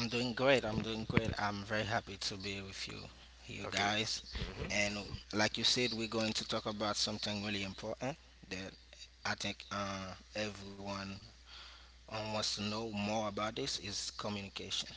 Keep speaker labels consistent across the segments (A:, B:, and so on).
A: I'm doing great. I'm doing great. I'm very happy to be with you, you guys. And like you said, we're going to talk about something really important that I think everyone wants to know more about. This is communication.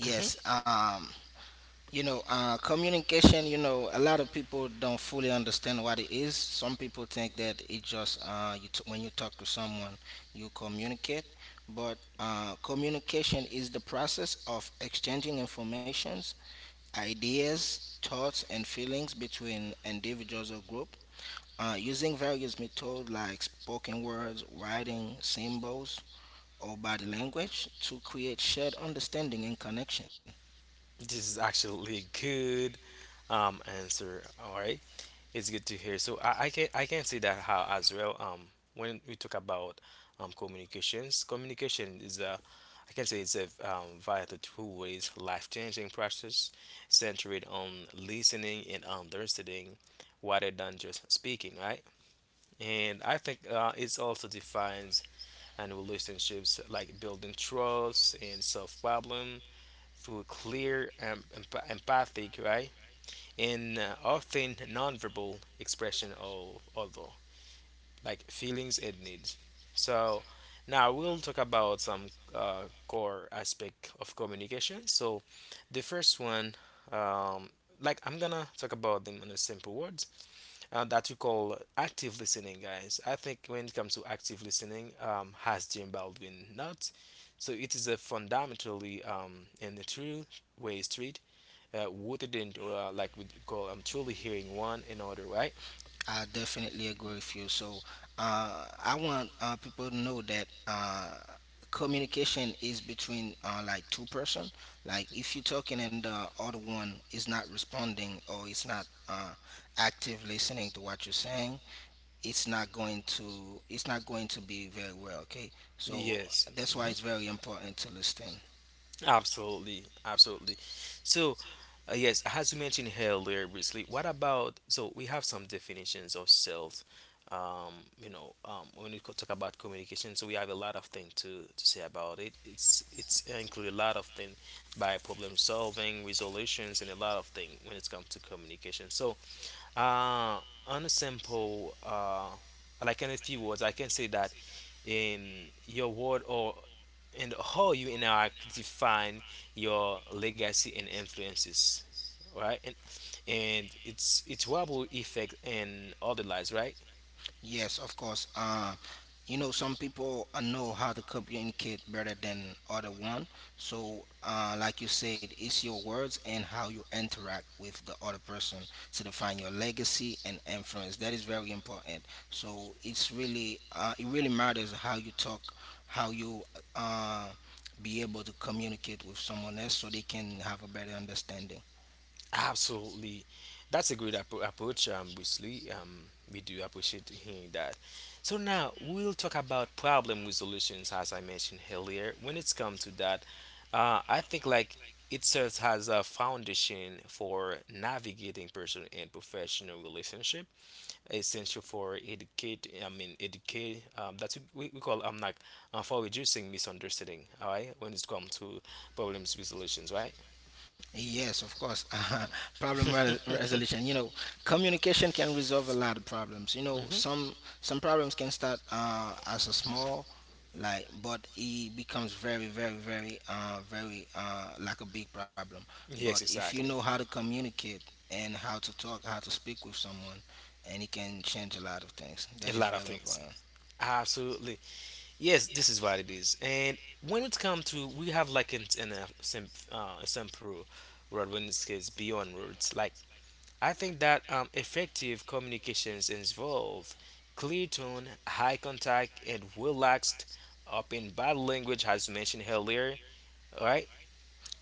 A: Yes. You know, communication, you know, a lot of people don't fully understand what it is. Some people think that it just when you talk to someone, you communicate. But communication is the process of exchanging informations, ideas, thoughts, and feelings between individuals or group. Using various methods like spoken words, writing, symbols, or body language to create shared understanding and connection. I definitely agree with you. So I want people to know that communication is between like two person. Like if you're talking and the other one is not responding or it's not active listening to what you're saying, it's not going to be very well. Okay, so that's why it's very important to listen. Yes, of course. You know, some people know how to communicate better than other one. So, like you said, it's your words and how you interact with the other person to define your legacy and influence. That is very important. So, it's really it really matters how you talk, how you uh, be able to communicate with someone else, so they can have a better understanding. Yes, of course. Resolution. You know, communication can resolve a lot of problems. You know, some problems can start as a small, like, but it becomes very, very, very, very like a big problem. But if you know how to communicate and how to talk, how to speak with someone, and it can change a lot of things. That is very important.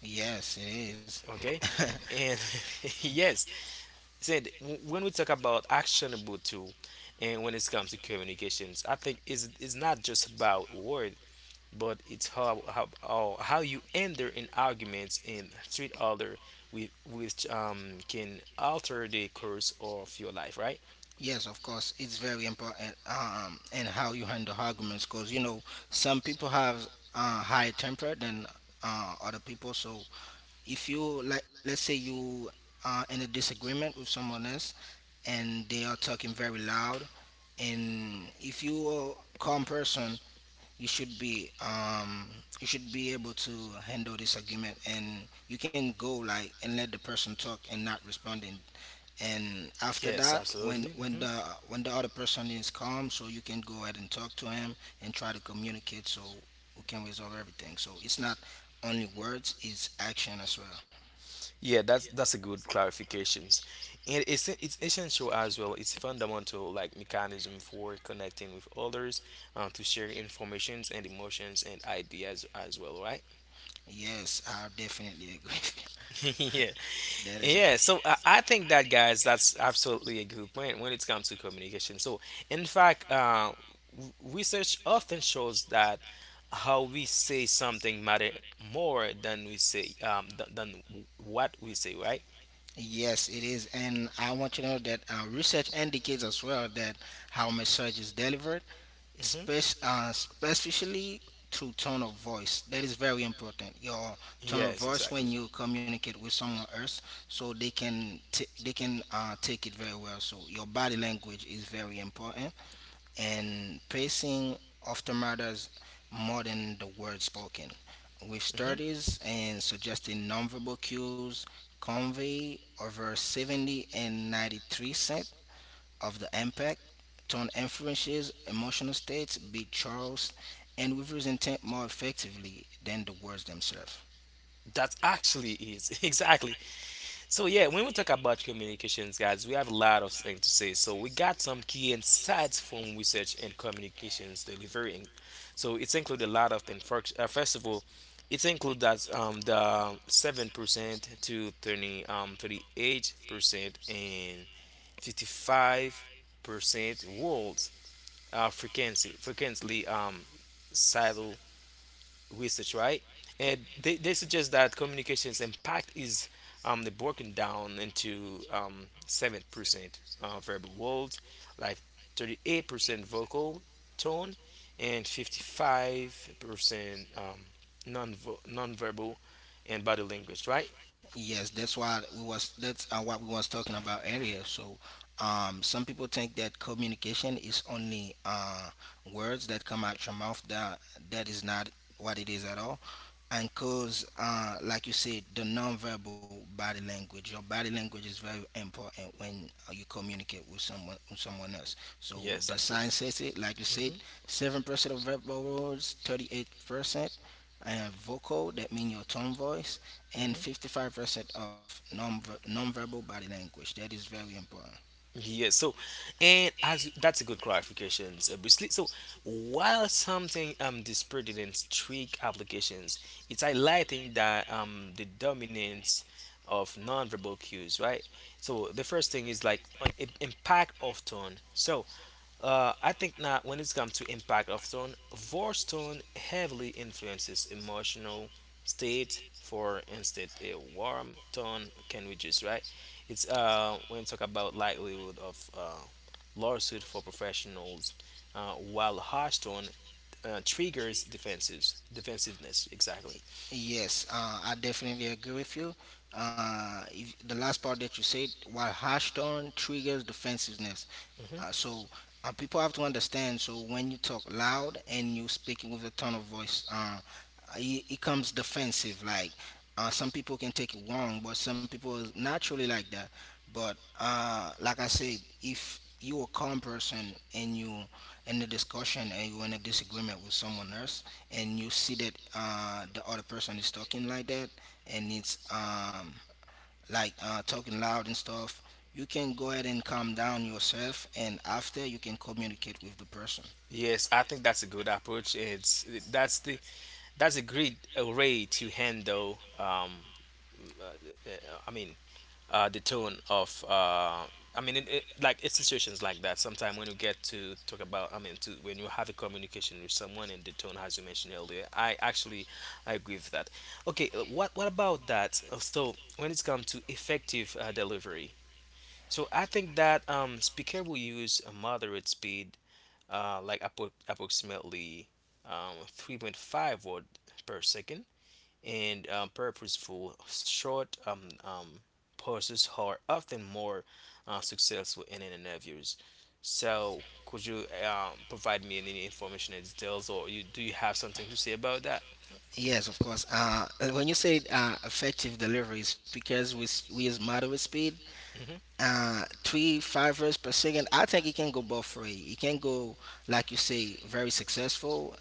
A: Yes, it is. Yes, of course, it's very important in how you handle arguments because you know some people have high temper than other people. So if you like, let's say you are in a disagreement with someone else and they are talking very loud, and if you are a calm person, you should be um, you should be able to handle this argument, and you can go like and let the person talk and not responding and after that when the other person is calm, so you can go ahead and talk to him and try to communicate so we can resolve everything. So it's not only words, it's action as well. Yes, I definitely agree with you. That is, yes, it is. And I want you to know that research indicates as well that how message is delivered, Spec- uh, especially through tone of voice. That is very important. Your tone of voice when you communicate with someone else, so they can take it very well. So your body language is very important, and pacing often matters more than the words spoken. With studies and suggesting nonverbal cues, convey over 70 and 93 percent of the impact, tone influences emotional states, big Charles, and reveals intent more effectively than the words themselves. Yes, that's why we was that's what we was talking about earlier. So, some people think that communication is only words that come out your mouth. That is not what it is at all. And cause like you said, the nonverbal body language, your body language is very important when you communicate with someone else. So the science says, it like you said, 7% of verbal words, 38% and vocal, that means your tone voice, and 55% of nonverbal body language. That is very important. Yes, I definitely agree with you. If, The last part that you said, while harsh tone triggers defensiveness. So people have to understand. So when you talk loud and you speaking with a tone of voice, it comes defensive. Like some people can take it wrong, but some people is naturally like that. But like I said, if you a calm person and you in the discussion and you in a disagreement with someone else and you see that the other person is talking like that and it's like talking loud and stuff, you can go ahead and calm down yourself, and after you can communicate with the person. Yes, of course. And when you say effective delivery, it's because we use moderate speed three five runs per second. I think it can go both way. It can go like you say, very successful,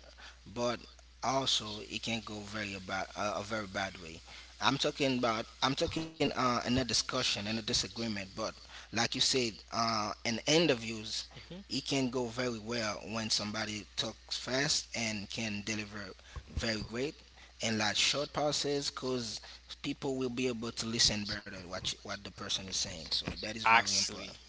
A: but also it can go very bad, a very bad way. I'm talking in a discussion, in a disagreement, but like you said, in interviews, it can go very well when somebody talks fast and can deliver very great and like short pauses, because people will be able to listen better what the person is saying. So that is very important.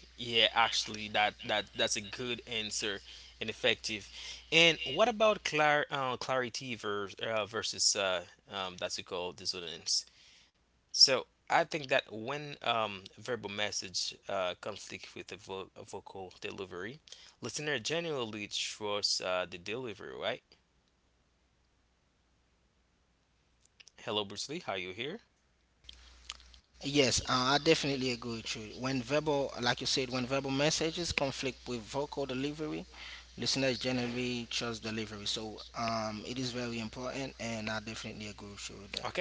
A: Yes, I definitely agree with you. When verbal, like you said, when verbal messages conflict with vocal delivery, listeners generally trust delivery. So it is very important, and I definitely agree with you with.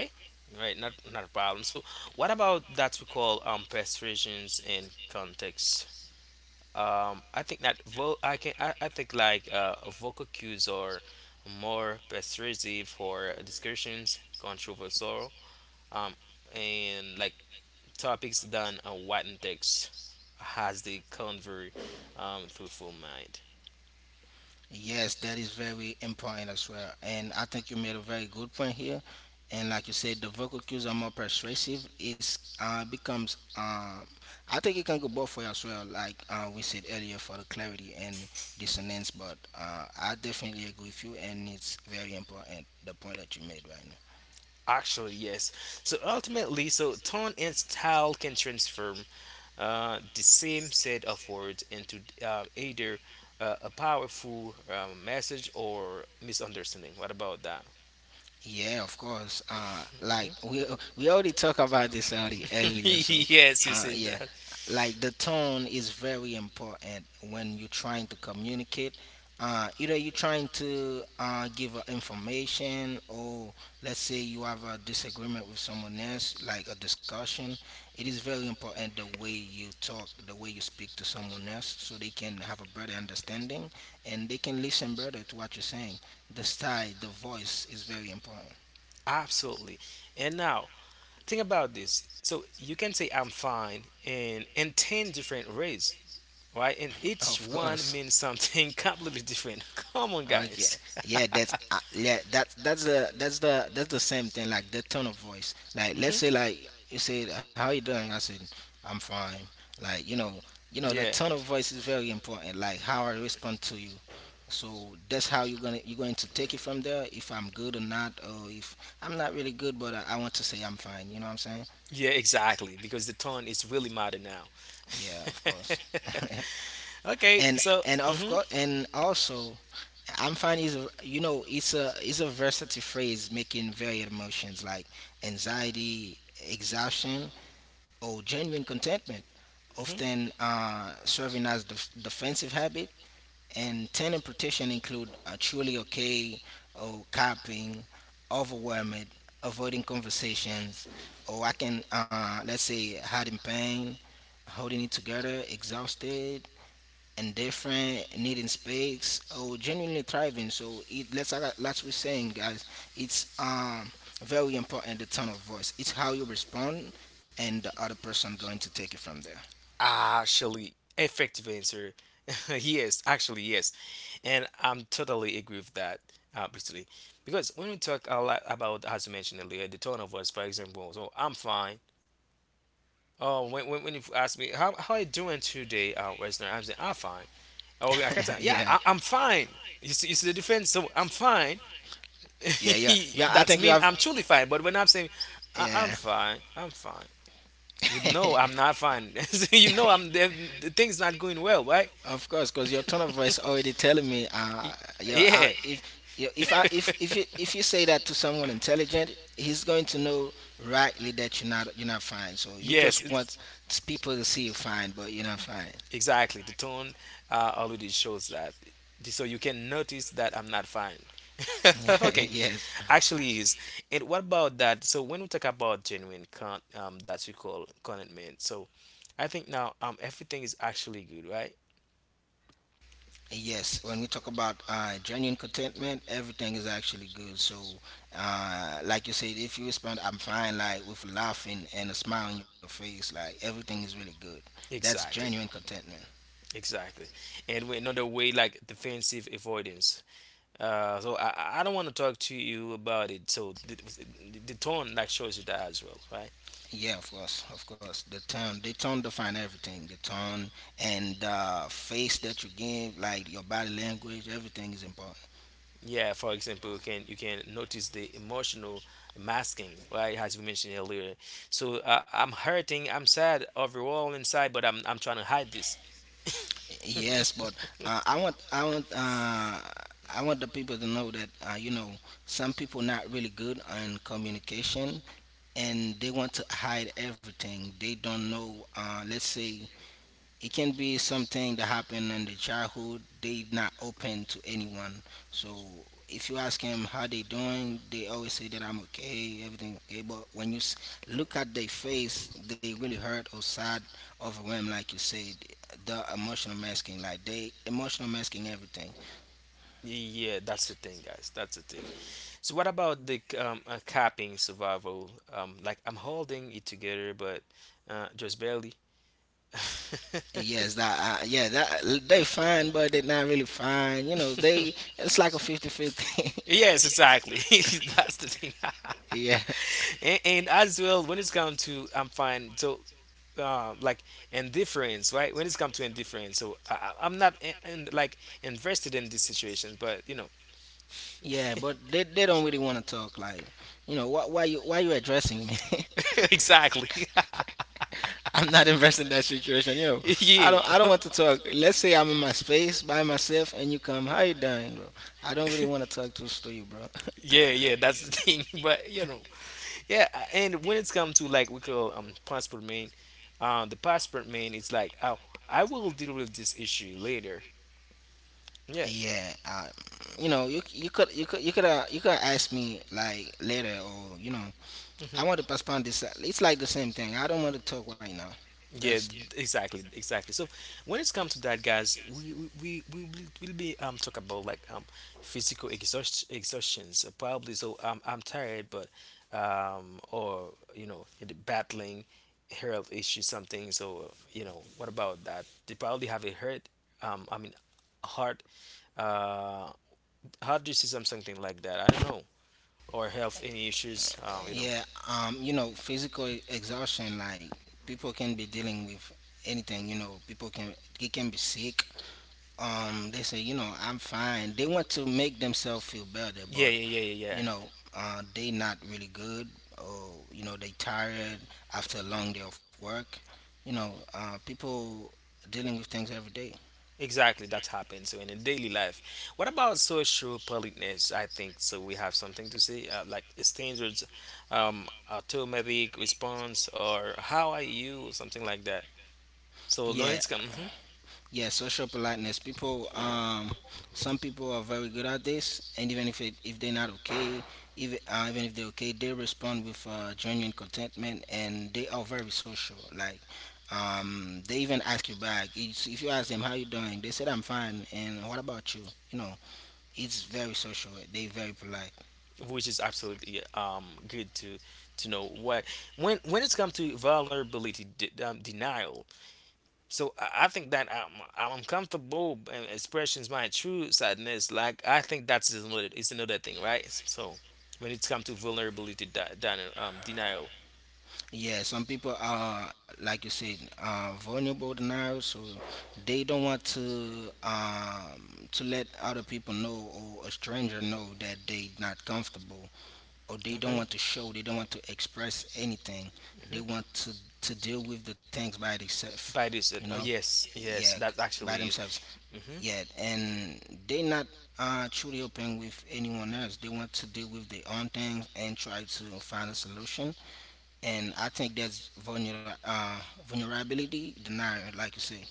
A: Yes, that is very important as well. And I think you made a very good point here. And like you said, the vocal cues are more persuasive. It's becomes I think it can go both way as well. Like we said earlier, for the clarity and dissonance. But I definitely agree with you, and it's very important the point that you made right now. Yeah, of course. Like we already talked about this already earlier. So, yeah, like the tone is very important when you're trying to communicate. Either you're trying to give information, or let's say you have a disagreement with someone else, like a discussion. It is very important the way you talk, the way you speak to someone else, so they can have a better understanding and they can listen better to what you're saying. The style, the voice is very important. Of course. Okay. Yeah, that's yeah, that's the same thing like the tone of voice. Like let's say like you say, how you doing? I said, I'm fine. Like you know, you know, the tone of voice is very important. Like how I respond to you. So that's how you're going to take it from there. If I'm good or not, or if I'm not really good, but I want to say I'm fine. You know what I'm saying? Yeah, of course. and and of course, and also I'm finding is a, you know, it's a versatile phrase making varied emotions like anxiety, exhaustion, or genuine contentment, often serving as defensive habit. And ten interpretation include truly okay, or copying, overwhelmed, avoiding conversations, or I can let's say hiding pain, holding it together, exhausted, and different needing space or genuinely thriving. So it let's like that's we're saying guys, it's very important, the tone of voice, it's how you respond and the other person going to take it from there. Yeah. Yeah, I think you have, yeah. Of course, because your tone of voice already telling me, you if you if I if you say that to someone intelligent, he's going to know rightly that you're not fine. So you just want people to see you fine, but you're not fine. yes, yes. When we talk about genuine contentment, everything is actually good. So, like you said, if you respond, "I'm fine," like with laughing and a smile on your face, like everything is really good. That's genuine contentment. Yeah, of course, of course. The tone define everything. The tone and the face that you give, like your body language, everything is important. Yes, but uh, I want, I want, uh, I want the people to know that you know, some people not really good on communication, and they want to hide everything. They don't know. Let's say it can be something that happened in the childhood. They not open to anyone. So if you ask them how they doing, they always say that I'm okay, everything okay. But when look at their face, they really hurt or sad, overwhelmed, like you said. The emotional masking, like they emotional masking everything. Yes, that yeah, that they fine, but they not really fine. You know, they it's like a 50-50. Yeah. Yeah, but they don't really want to talk. Like, you know, why you addressing me? I'm not invested in that situation. You know, I don't want to talk. Let's say I'm in my space by myself, and you come, how you doing, bro? I don't really want to talk to you, bro. Yeah, I, you know, you could you could you could you could ask me like later, or you know, I want to postpone this. It's like the same thing. I don't want to talk right now. That's physical, yeah. You know, physical exhaustion. Like people can be dealing with anything. You know, people can, they can be sick. They say you know I'm fine. They want to make themselves feel better, but you know, they not really good. Or you know, they tired after a long day of work. You know, people dealing with things every day. Yeah, Yeah, social politeness. People, some people are very good at this, and even if it, if they're not okay, even even if they're okay, they respond with genuine contentment, and they are very social. Like, they even ask you back. It's, if you ask them how you doing, they said I'm fine, and what about you? You know, it's very social. They very polite. Yeah, some people are, like you said, vulnerable now, so they don't want to let other people know or a stranger know that they not comfortable, or they don't want to show, they don't want to express anything. They want to deal with the things by themselves, you know. Yeah, by themselves. Yeah, and they not truly open with anyone else. They want to deal with their own things and try to find a solution, and I think that's vulnerability denier, like you say.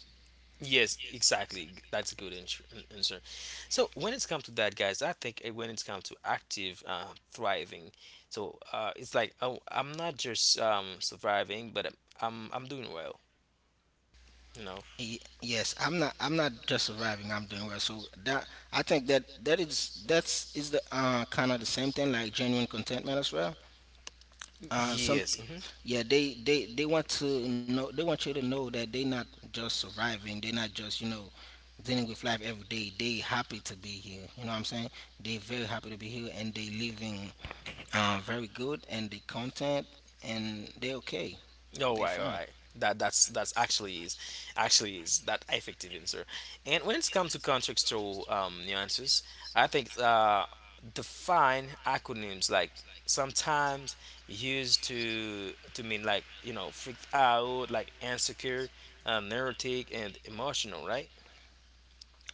A: Yes, I'm not. I'm not just surviving. I'm doing well. So that I think that that is the kind of the same thing like genuine contentment as well. Some, yeah, they want to know, they want you to know that they're not just surviving, they're not just, you know, dealing with life every day, they happy to be here, you know what I'm saying? They very happy to be here, and they living very good, and they content, and they okay. They fine.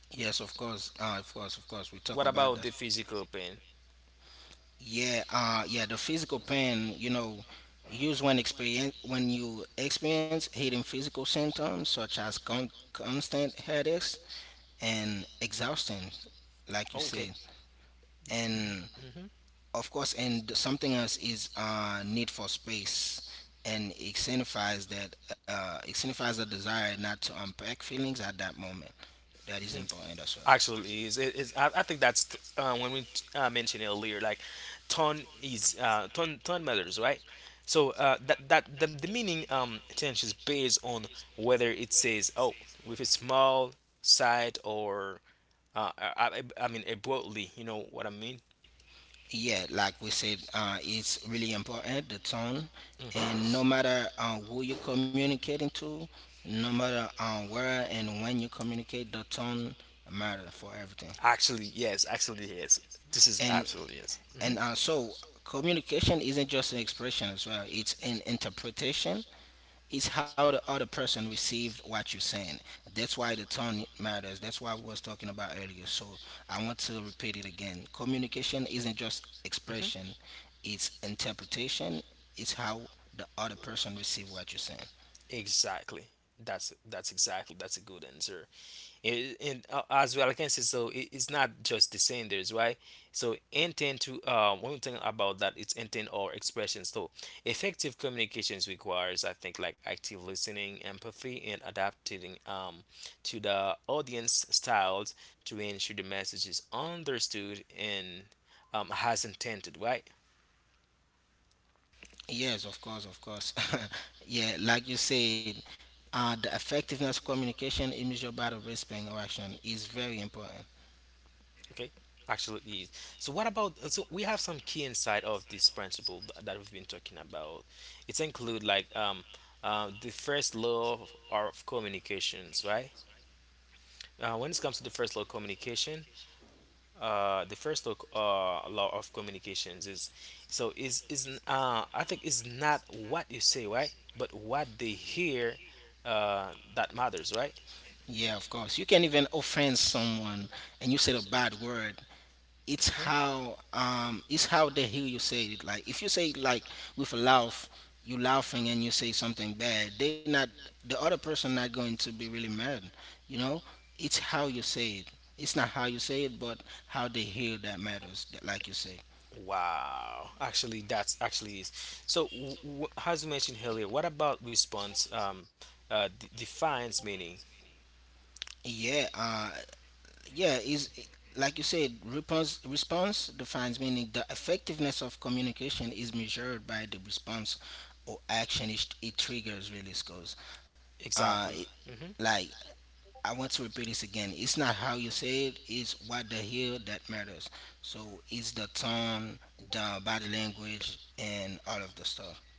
A: Yes, of course. Of course. We talk about that. Yeah, yeah, the physical pain, you know, used when experience, when you experience hitting physical symptoms such as constant headaches and exhaustion, like you said, and of course, and something else is need for space, and it signifies that it signifies a desire not to unpack feelings at that moment. That is important as well. Yeah, like we said, it's really important, the tone, and no matter who you're communicating to, no matter where and when you communicate, the tone matter for everything. And and so communication isn't just an expression as well, it's an interpretation, it's how the other person received what you're saying. That's why the tone matters. That's why we was talking about earlier. So I want to repeat it again. Communication isn't just expression; it's interpretation. It's how the other person receive what you're saying. Yes, of course, of course. Yeah, like you said, the effectiveness of communication is measured by the respect or action is very important. Yeah, of course. You can even offend someone and you said a bad word, it's how they hear you say it, like if you say it like with a laugh, you laughing and you say something bad, they not, the other person not going to be really mad, you know. It's how you say it. It's not how you say it, but how they hear that matters, like you say. Yeah, yeah is like you said, response defines meaning, the effectiveness of communication is measured by the response or action it triggers, really, because it, like I want to repeat this again. It's not how you say it, it's what they hear that matters. So it's the tone, the body language, and all of the stuff.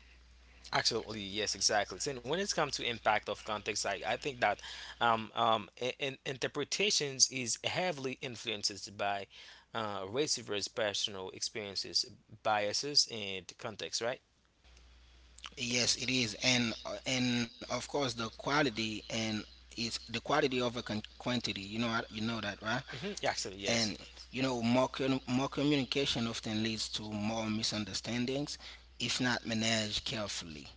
A: Yes, it is, and of course the quality, and it's the quality over quantity. You know that, right? And you know, more more communication often leads to more misunderstandings, if not managed carefully.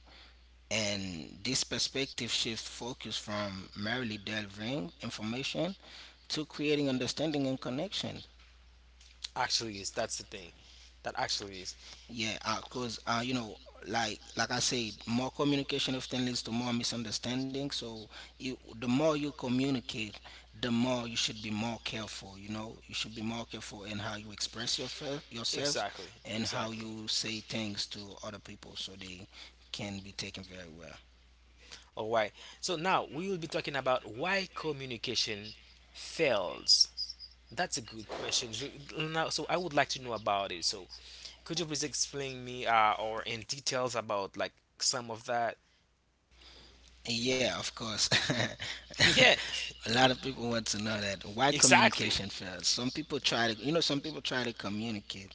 A: And this perspective shift focus from merely delivering information to creating understanding and connection. Yeah, because 'cause you know, like I said, more communication often leads to more misunderstanding. So you, the more you communicate, the more you should be more careful. You know, you should be more careful in how you express your yourself, and how you say things to other people, so they can be taken very well. Yeah, of course. A lot of people want to know that why communication fails. Some people try to, you know, some people try to communicate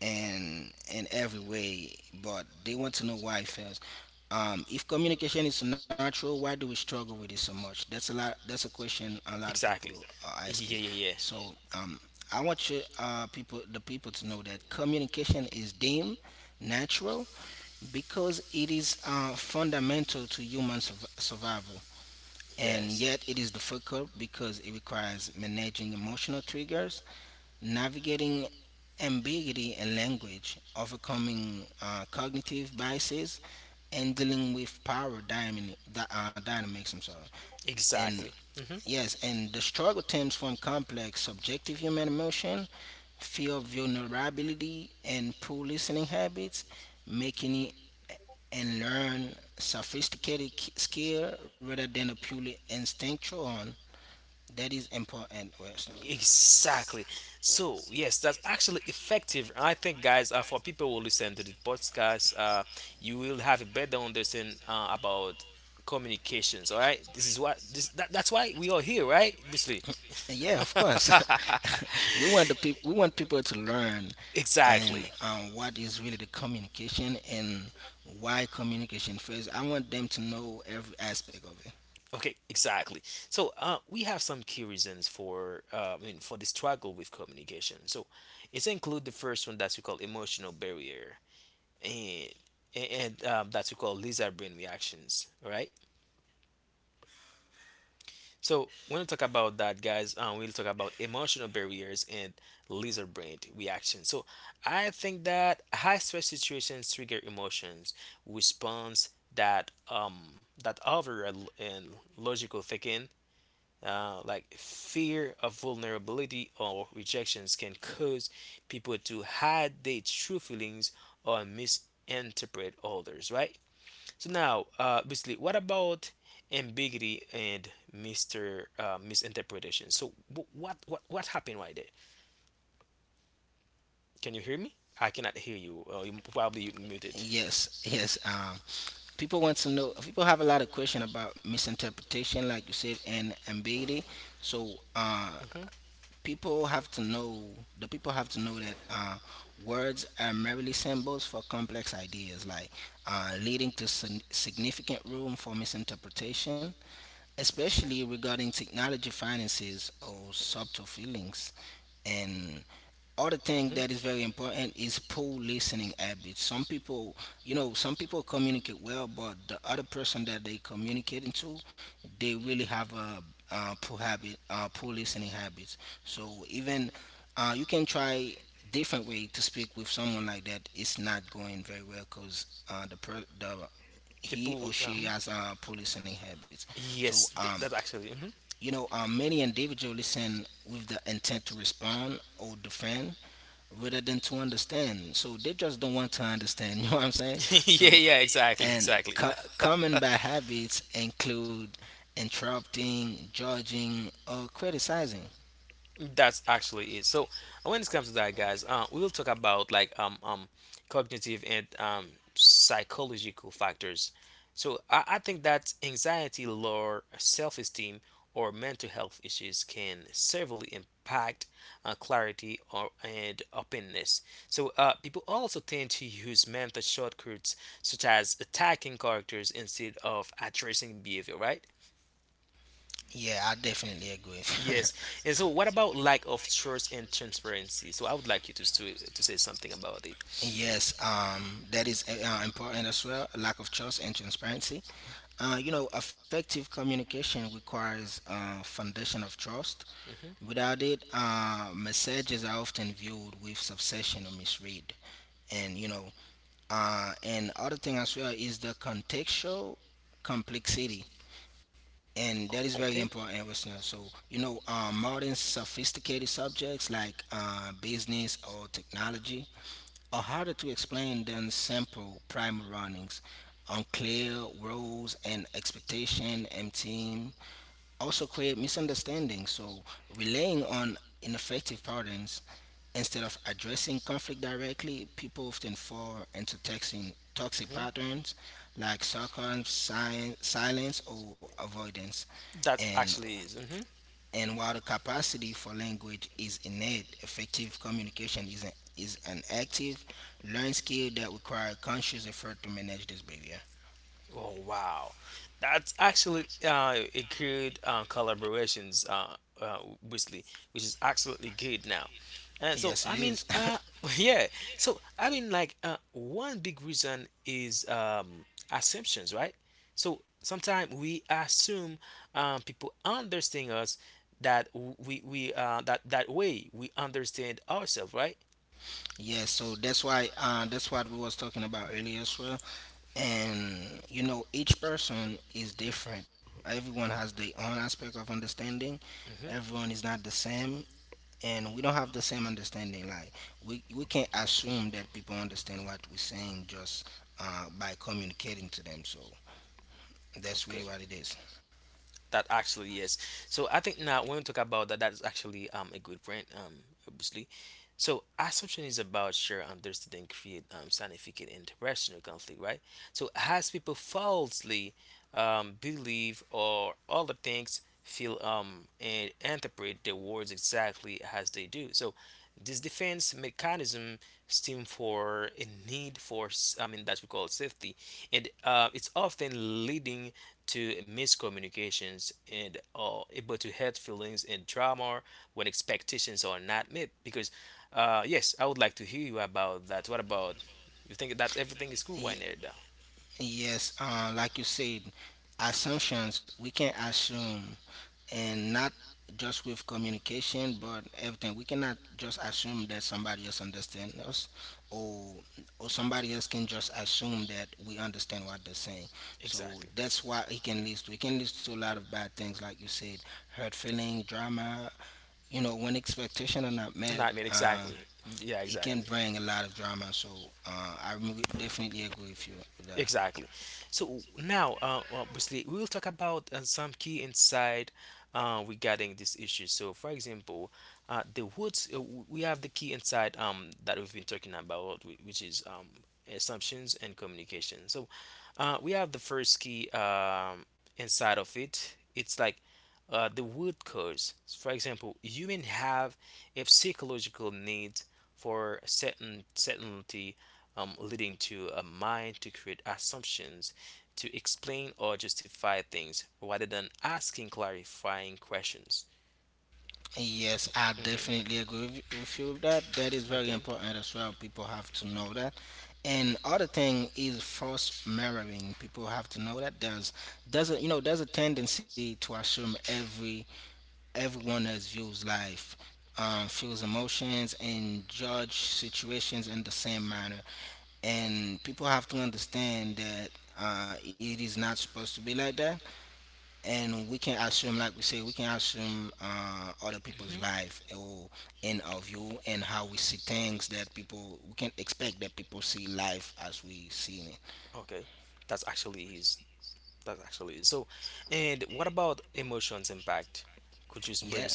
A: and in every way, but they want to know why it fails. If communication is natural, why do we struggle with it so much? That's a lot. That's a question a lot of people are asking. So, I want you, people, the people to know that communication is deemed natural because it is fundamental to human survival. And yet, it is difficult because it requires managing emotional triggers, navigating ambiguity in language, overcoming cognitive biases, and dealing with power dynamics. I'm sorry. And yes, and the struggle stems from complex subjective human emotion, fear of vulnerability, and poor listening habits, making it and learn sophisticated skill rather than a purely instinctual one. That is important, Wes. Yeah, of course. We want the we want people to learn and what is really the communication, and why communication. First I want them to know every aspect of it. Yes, yes. People want to know, people have a lot of question about misinterpretation, like you said, and ambiguity. So people have to know, the people have to know that words are merely symbols for complex ideas, like leading to significant room for misinterpretation, especially regarding technology, finances, or subtle feelings. And other thing that is very important is poor listening habits. Some people, you know, some people communicate well, but the other person that they communicating to, they really have a poor listening habits. So even you can try different way to speak with someone like that. It's not going very well because the per- the he or she has poor listening habits. So you know, many individuals listen with the intent to respond or defend rather than to understand. So they just don't want to understand. You know what I'm saying? So, and common bad habits include interrupting, judging, or criticizing. Yeah, I definitely agree. Yes, that is important as well. Lack of trust and transparency. You know, effective communication requires a foundation of trust. Without it, messages are often viewed with suspicion or misread. And you know, and other thing as well is the contextual complexity, and that is very important, listener. So you know, modern sophisticated subjects like business or technology are harder to explain than simple primal runnings. Unclear roles and expectation and team also create misunderstandings. So relying on ineffective patterns, instead of addressing conflict directly, people often fall into texting toxic patterns like sarcasm, silence, or avoidance. And while the capacity for language is innate, effective communication is an active, learned skill that requires conscious effort to manage this behavior. Yes, it is. Yeah, so that's why that's what we was talking about earlier as well. And you know, each person is different. Everyone has their own aspect of understanding. Everyone is not the same, and we don't have the same understanding. Like we can't assume that people understand what we're saying just by communicating to them. So that's really what it is. Yes, like you said, assumptions, we can assume, and not just with communication, but everything. We cannot just assume that somebody else understands us, or or somebody else can just assume that we understand what they're saying. So that's why it can lead to. It can lead to a lot of bad things, like you said, hurt feeling, drama. You know, when expectations are not met, it can bring a lot of drama. So I definitely agree with you with that. Yes, I definitely agree with you with that. That is very important as well. People have to know that. And other thing is false mirroring. People have to know that there's a tendency to assume everyone has views life, feels emotions, and judge situations in the same manner. And people have to understand that it is not supposed to be like that, and we can assume, like we say, we can assume other people's life, or in our view and how we see things, that people, we can expect that people see life as we see it, yeah.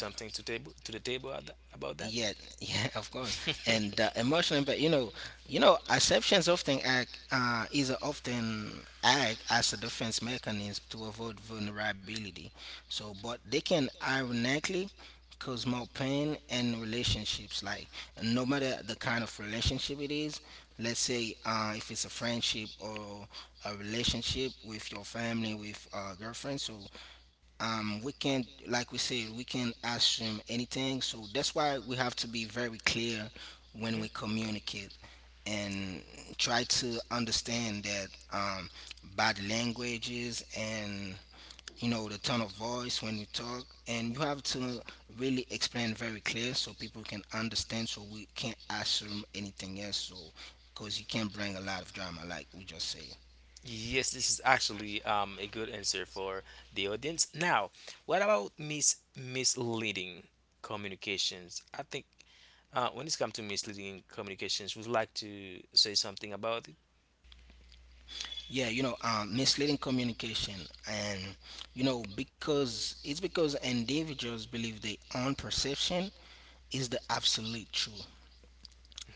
A: Yeah, yeah, of course. And the emotional impact, you know, acceptance often act is often act as a defense mechanism to avoid vulnerability. So, but they can ironically cause more pain in relationships. Like, no matter the kind of relationship it is, let's say if it's a friendship, or a relationship with your family, with a girlfriend. So, we can't, like we said, we can't assume anything, so that's why we have to be very clear when we communicate, and try to understand that, body languages and, you know, the tone of voice when we talk, and you have to really explain very clear so people can understand, so we can't assume anything else, so because you can not bring a lot of drama like we just said. Yeah, you know, misleading communication, and you know, because it's because individuals believe their own perception is the absolute truth.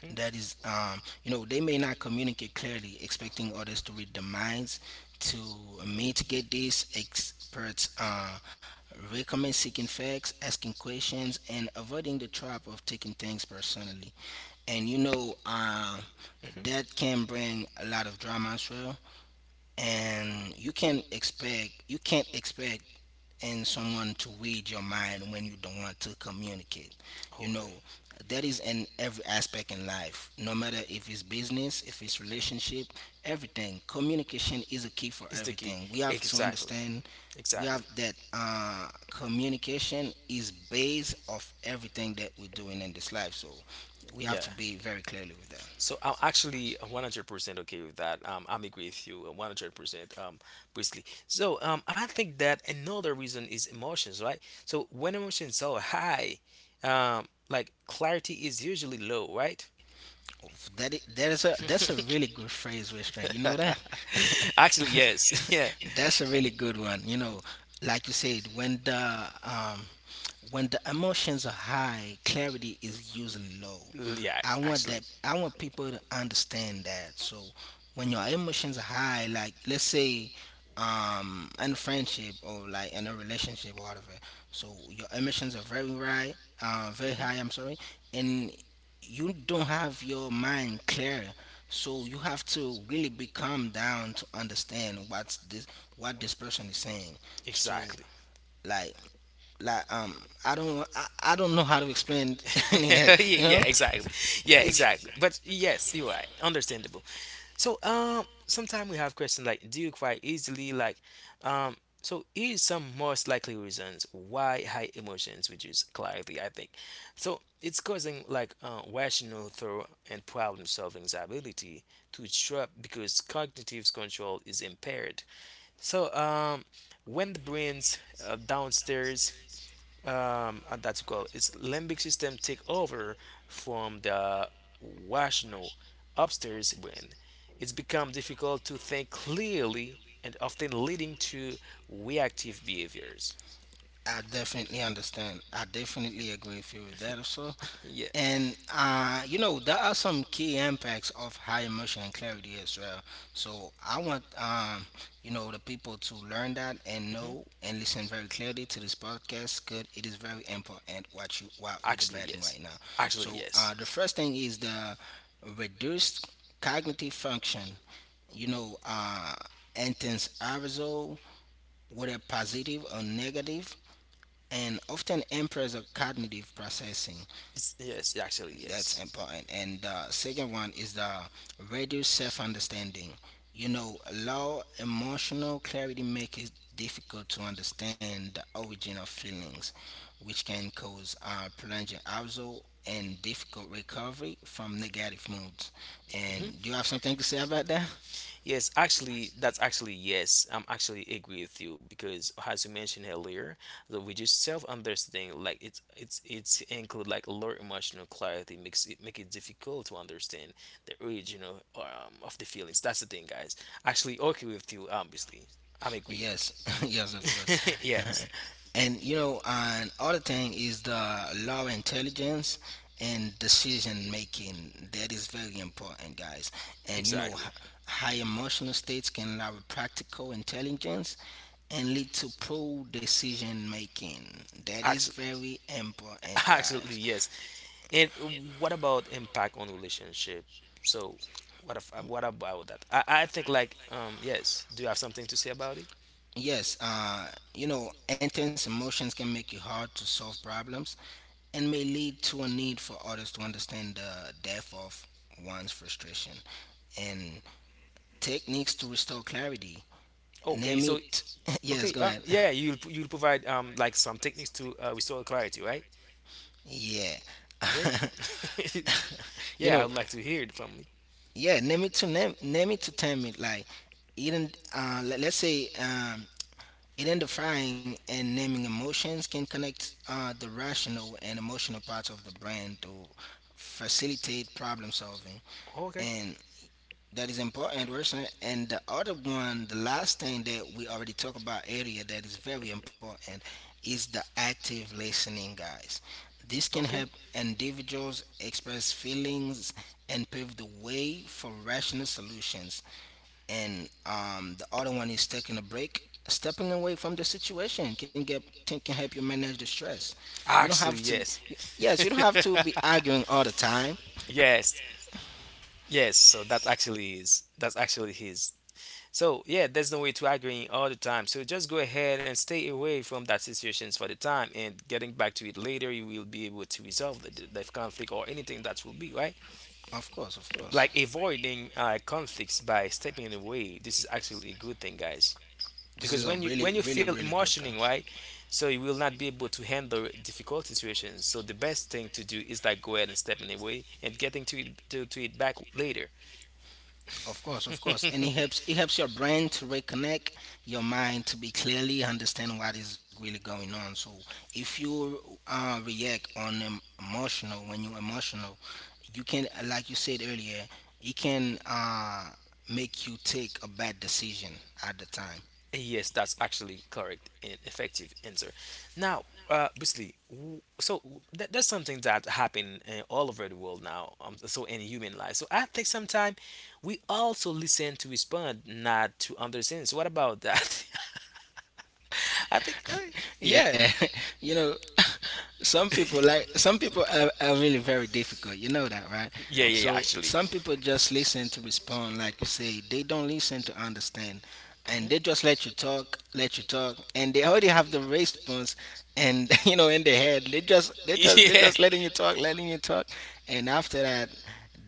A: That is, you know, they may not communicate clearly, expecting others to read the minds. To mitigate this, experts recommend seeking facts, asking questions, and avoiding the trap of taking things personally. And you know, that can bring a lot of drama as well, and you can't expect in someone to read your mind when you don't want to communicate, you know. That is in every aspect in life, no matter if it's business, if it's relationship. Everything, communication is a key for everything. We have to understand, we have that communication is base of everything that we're doing in this life. So we have to be very clearly with that. That I- that is a that's a really good phrase, Westra. You know that? That's a really good one. You know, like you said, um, when the emotions are high, clarity is usually low. I want that. I want people to understand that. So when your emotions are high, like let's say, in a friendship or like in a relationship whatever, so your emotions are very high, very high, I'm sorry. And you don't have your mind clear, so you have to really be calm down to understand what this person is saying. So, like, like um I don't know how to explain it, you know. It's, I definitely understand. I definitely agree with you with that also. And you know, there are some key impacts of high emotion and clarity as well. So I want, you know, the people to learn that and know and listen very clearly to this podcast, because it is very important what you what we're debating right now. So the first thing is the reduced cognitive function. You know, intense arousal, whether positive or negative, and often impairs the cognitive processing. That's important. And the second one is the reduced self understanding. You know, low emotional clarity makes it difficult to understand the origin of feelings, which can cause prolonged arousal and difficult recovery from negative moods. And do you have something to say about that? Yes, yes, of course. And you know, and other thing is the law intelligence and decision making. That is very important, guys. And you know, high emotional states can allow practical intelligence and lead to pro decision making. That is very important, guys. Yes, you know, intense emotions can make it hard to solve problems, and may lead to a need for artists to understand the depth of one's frustration and techniques to restore clarity. Name it. Yes, go ahead. Yeah. You know, yeah, name it to tame it. Like, even, let's say, identifying and naming emotions can connect the rational and emotional parts of the brain to facilitate problem solving. And. That is important, Wilson. And the other one, the last thing that we already talked about earlier that is very important, is the active listening, guys. This can help individuals express feelings and pave the way for rational solutions. And the other one is taking a break. Stepping away from the situation can get can help you manage the stress. You don't have to, yes, you don't have to be arguing all the time. Of course, of course. This is a really, really, really good thing. Of course, and it helps your brain to reconnect, your mind to be clearly understand what is really going on. So if you emotional when you're emotional, you can, like you said earlier, it can make you take a bad decision at the time. Yeah, you know, some people, are really very difficult. You know that, right? So some people just listen to respond, like you say. They don't listen to understand, and they just let you talk, and they already have the response. And you know, in their head, they just letting you talk, and after that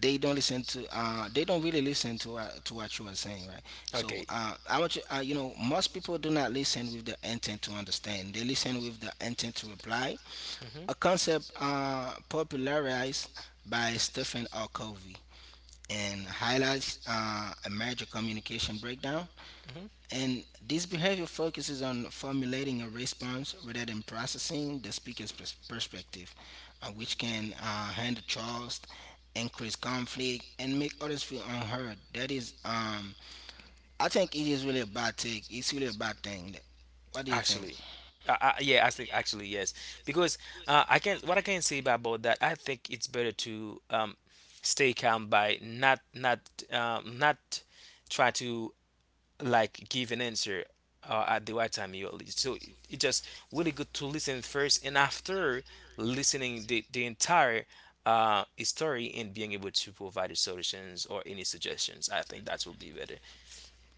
A: they don't listen to, they don't really listen to, to what you are saying, right? So I want you, you know, most people do not listen with the intent to understand. They listen with the intent to reply, a concept popularized by Stephen R. Covey, and highlights a major communication breakdown. And this behavior focuses on formulating a response rather than processing the perspective, which can handle trust, increase conflict, and make others feel unheard. That is, I think it is really a bad take. It's really a bad thing. What do you think?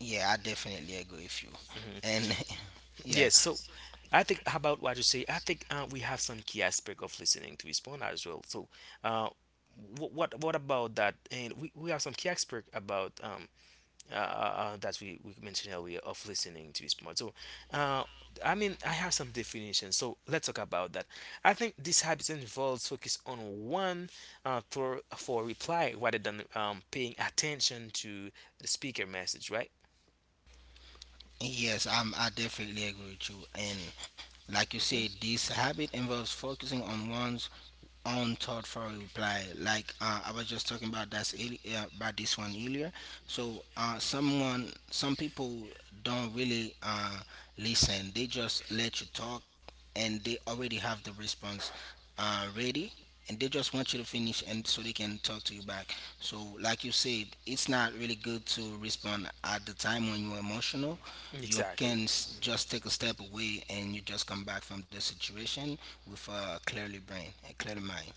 A: Yeah, I definitely agree with you. And yeah, yes, I definitely agree with you. And like you said, this habit involves focusing on one's own thoughtful reply. Like I was just talking about about this one earlier. So some people don't really listen. They just let you talk, and they already have the response ready, and they just want you to finish, and so they can talk to you back. So like you said, it's not really good to respond at the time when you're emotional. You can just take a step away, and you just come back from the situation with a clear mind.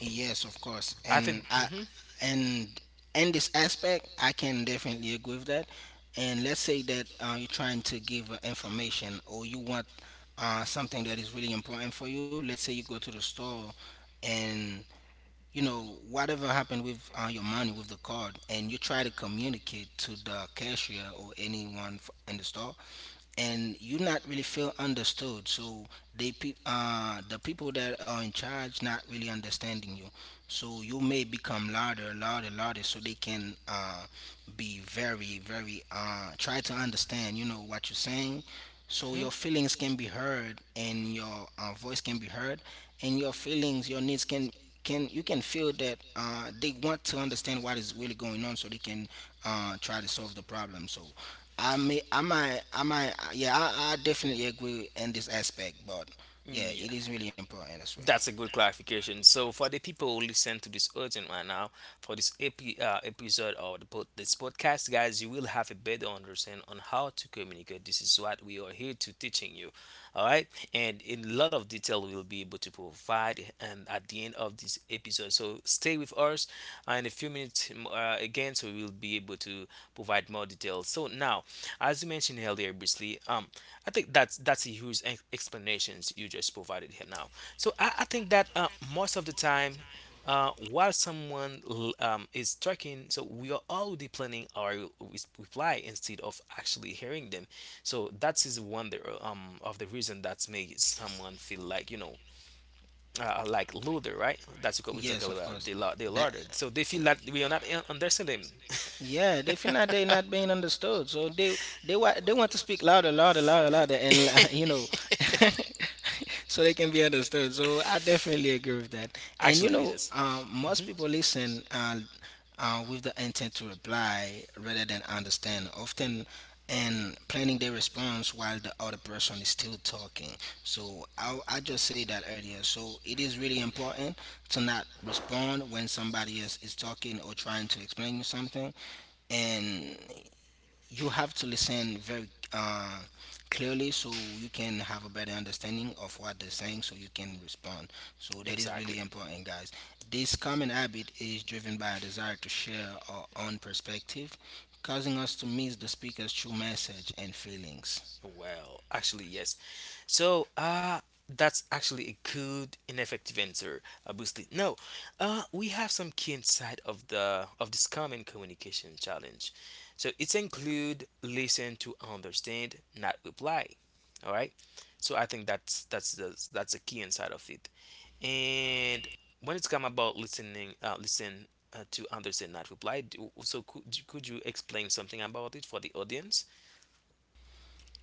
A: Yes, of course. And in this aspect I can definitely agree with that. And let's say that you're trying to give information, or you want something that is really important for you. Let's say you go to the store, and you know, whatever happened with your money, with the card, and you try to communicate to the cashier or anyone in the store, and you not really feel understood. So the people that are in charge not really understanding you, so you may become louder, louder, louder, so they can be very very try to understand, you know, what you're saying, so your feelings can be heard, and your voice can be heard, and your feelings, your needs can, you can feel that they want to understand what is really going on, so they can try to solve the problem. So I might, yeah, I definitely agree in this aspect, but yeah, it is really important as well. Yes, of course. That, yeah, they feel like they're not being understood. So they want to speak louder, louder, louder, louder, and you know, so they can be understood. So I definitely agree with that. And you know, most people listen, with the intent to reply rather than understand. Often, and planning their response while the other person is still talking. So I just say that earlier. So it is really important to not respond when somebody else is talking or trying to explain you something. And you have to listen very clearly so you can have a better understanding of what they're saying, so you can respond. So that is really important, guys. This common habit is driven by a desire to share our own perspective, causing us to miss the speaker's true message and feelings.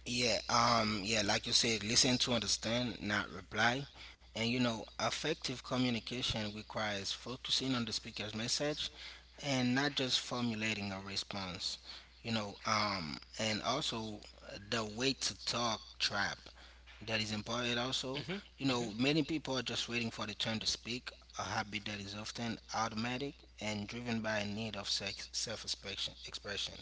A: Yeah, yeah, like you said, listen to understand, not reply. And you know, effective communication requires focusing on the speaker's message and not just formulating a response. And also the way to talk trap, that is important also. You know, many people are just waiting for the turn to speak, a habit that is often automatic and driven by a need of self expression.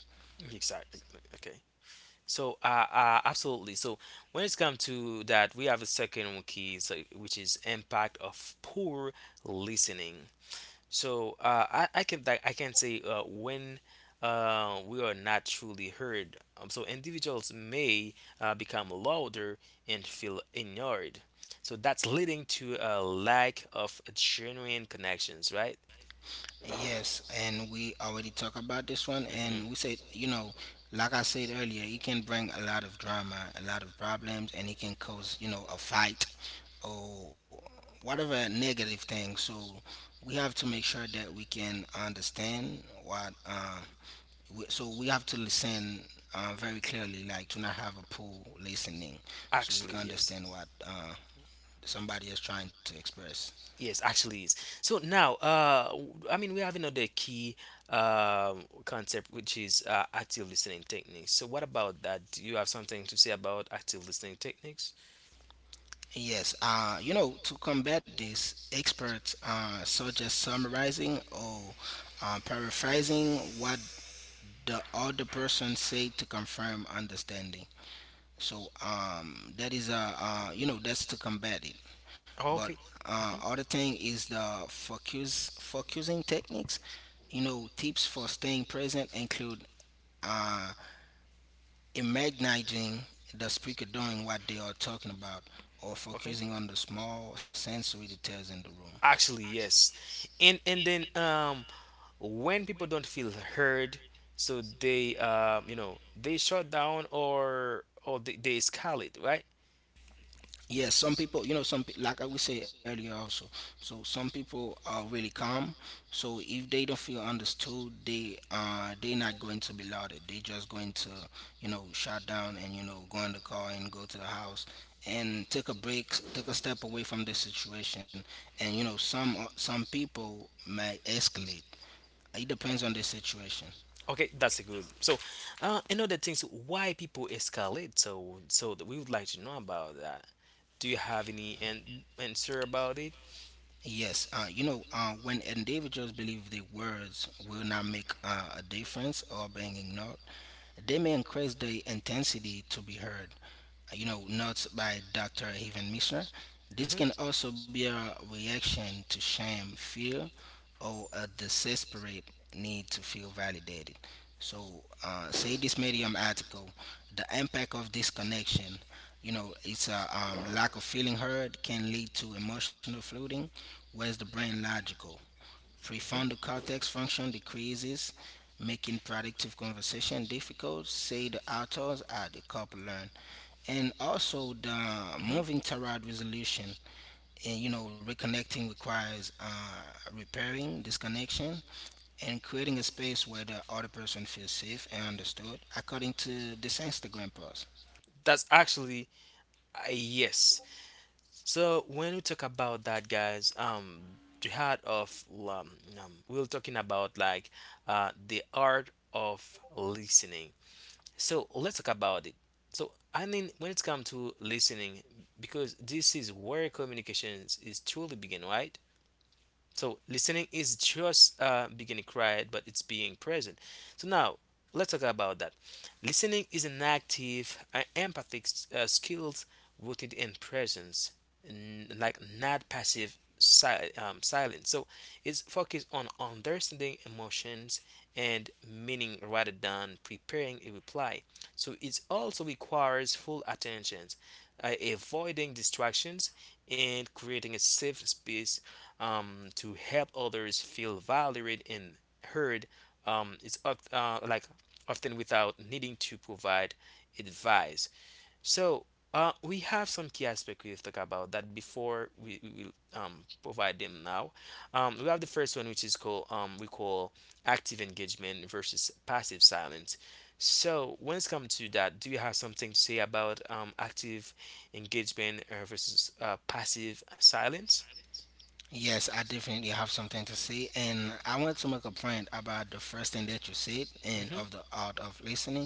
A: Yes, and we already talked about this one, and we said, you know, like I said earlier, it can bring a lot of drama, a lot of problems, and it can cause, you know, a fight or whatever negative thing. So we have to make sure that we can understand what, we, so we have to listen very clearly, like to not have a poor listening, so we can understand what somebody is trying to express. Yes, you know, to combat this, experts suggest summarizing or paraphrasing what the other person said to confirm understanding. So that is, a you know, that's to combat it. But other thing is the focusing techniques. You know, tips for staying present include uh, imagining the speaker doing what they are talking about or focusing on the small sensory details in the room. Yes, some people, you know, like I would say earlier also. So some people are really calm. So if they don't feel understood, they're not going to be louder. They just going to, you know, shut down, and you know, go in the car and go to the house and take a break, take a step away from the situation. And you know, some people may escalate. It depends on the situation. Yes, you know, when individuals believe their words will not make a difference or being ignored, they may increase their intensity to be heard. You know, notes by Dr. Evan Mishner. This can also be a reaction to shame, fear, or a desperate need to feel validated. So, say this Medium article, the impact of disconnection, you know, it's a lack of feeling heard can lead to emotional flooding, whereas the brain logical prefrontal cortex function decreases, making productive conversation difficult. Say the authors at the couple learn, and also the moving toward resolution, and you know, reconnecting requires repairing disconnection and creating a space where the other person feels safe and understood, according to this Instagram post. Yes, I definitely have something to say, and I want to make a point about the first thing that you said and of the art of listening.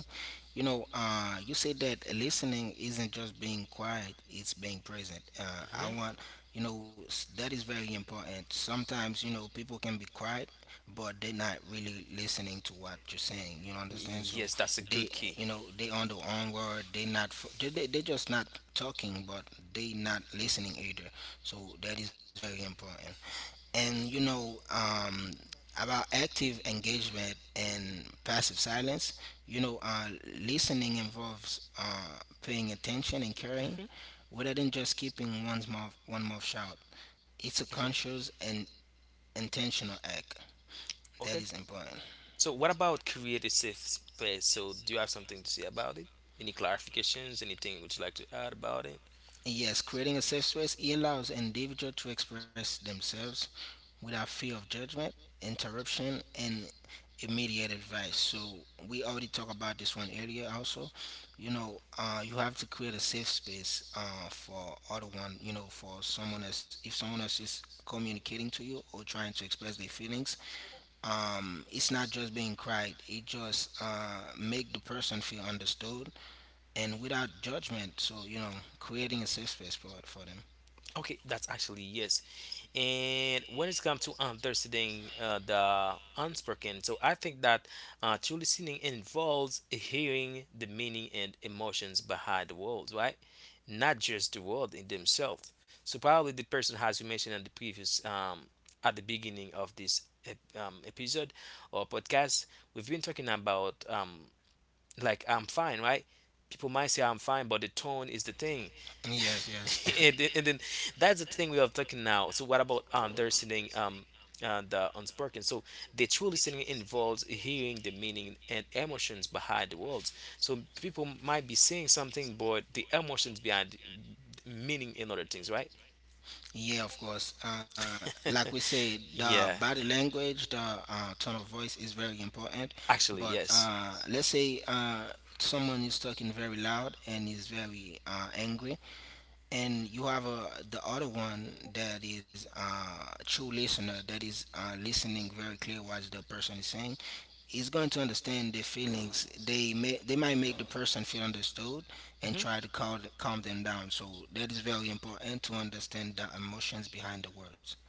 A: You know, you said that listening isn't just being quiet; it's being present. I want, you know, that is very important. Sometimes, you know, people can be quiet, but they're not really listening to what you're saying. You understand? So they, you know, they on their own word, they not fo- they just not talking but they not listening either. So that is very important. And you know, about active engagement and passive silence, you know, listening involves paying attention and caring, rather than just keeping one mouth shut. It's a conscious and intentional act. That is important. Yes, creating a safe space, it allows individuals to express themselves without fear of judgment, interruption, and immediate advice. So we already talked about this one earlier. Also, you know, you have to create a safe space for other one. You know, for someone else, if someone else is communicating to you or trying to express their feelings, it's not just being cried. It just make the person feel understood and without judgment. So you know, creating a safe space for them. Yes, yes. Yeah, of course. Like we say, the body language, the tone of voice is very important. But let's say someone is talking very loud and is very angry, and you have the other one that is a true listener, that is listening very clear what the person is saying. He's going to understand their feelings. They may they might make the person feel understood and try to calm them down. So that is very important, to understand the emotions behind the words.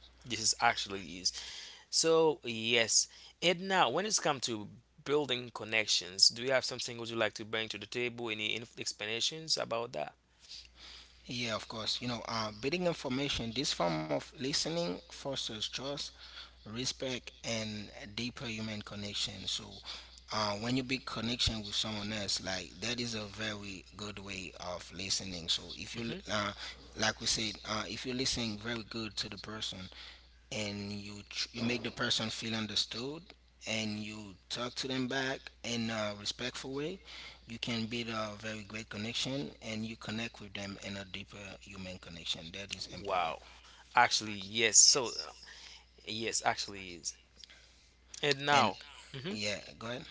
A: Yeah, of course. You know, building information, this form of listening fosters trust, respect, and a deeper human connection. So, when you build connection with someone else, like that is a very good way of listening. So, if you, like we said, if you listen very good to the person, and you make the person feel understood, and you talk to them back in a respectful way, you can build a very great connection, and you connect with them in a deeper human connection. That is important. And yeah, go ahead.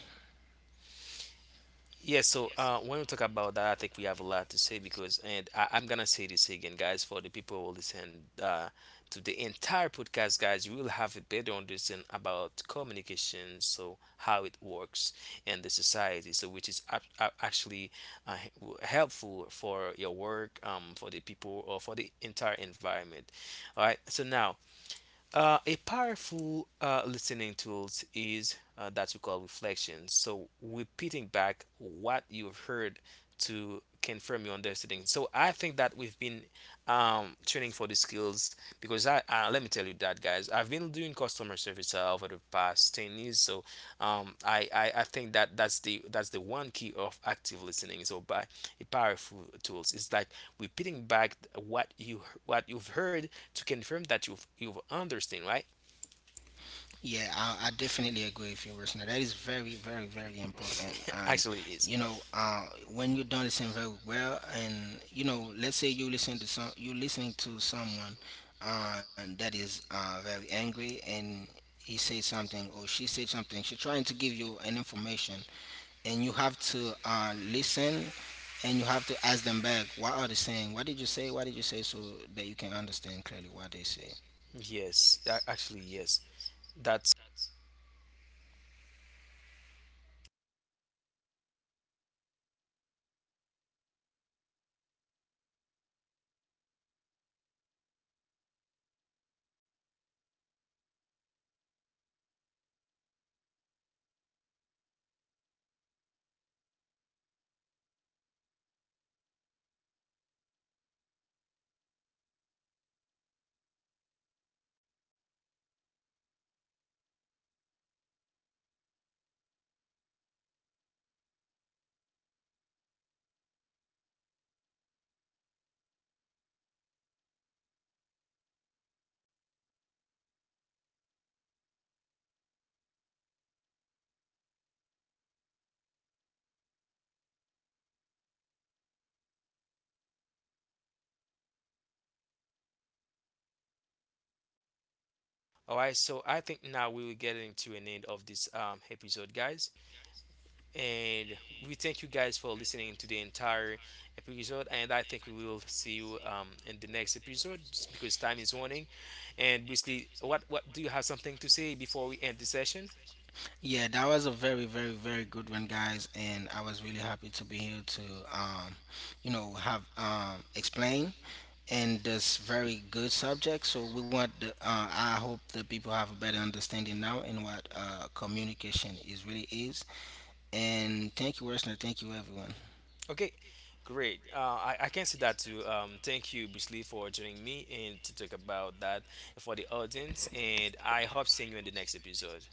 A: Yeah, I definitely agree with you, listener. That is very, very, very important. And you know, when you don't listen very well, and you know, let's say you listen to some, you listening to someone that is very angry, and he says something or she said something. She's trying to give you an information, and you have to listen, and you have to ask them back. What are they saying? What did you say? What did you say? So that you can understand clearly what they say.
B: All right, so I think now we will get into an end of this episode, guys. And we thank you guys for listening to the entire episode. And I think we will see you in the next episode just because time is running. And basically, what do you have something to say before we end the session?
A: Yeah, that was a very, very, very good one, guys, and I was really happy to be here to, um, you know, have explain and this very good subject. So we want, the, I hope that people have a better understanding now in what communication is really is. And thank you, Wesley. Thank you, everyone.
B: Okay, great. I can say that too. Thank you, Bruce, for joining me and to talk about that for the audience. And I hope seeing you in the next episode.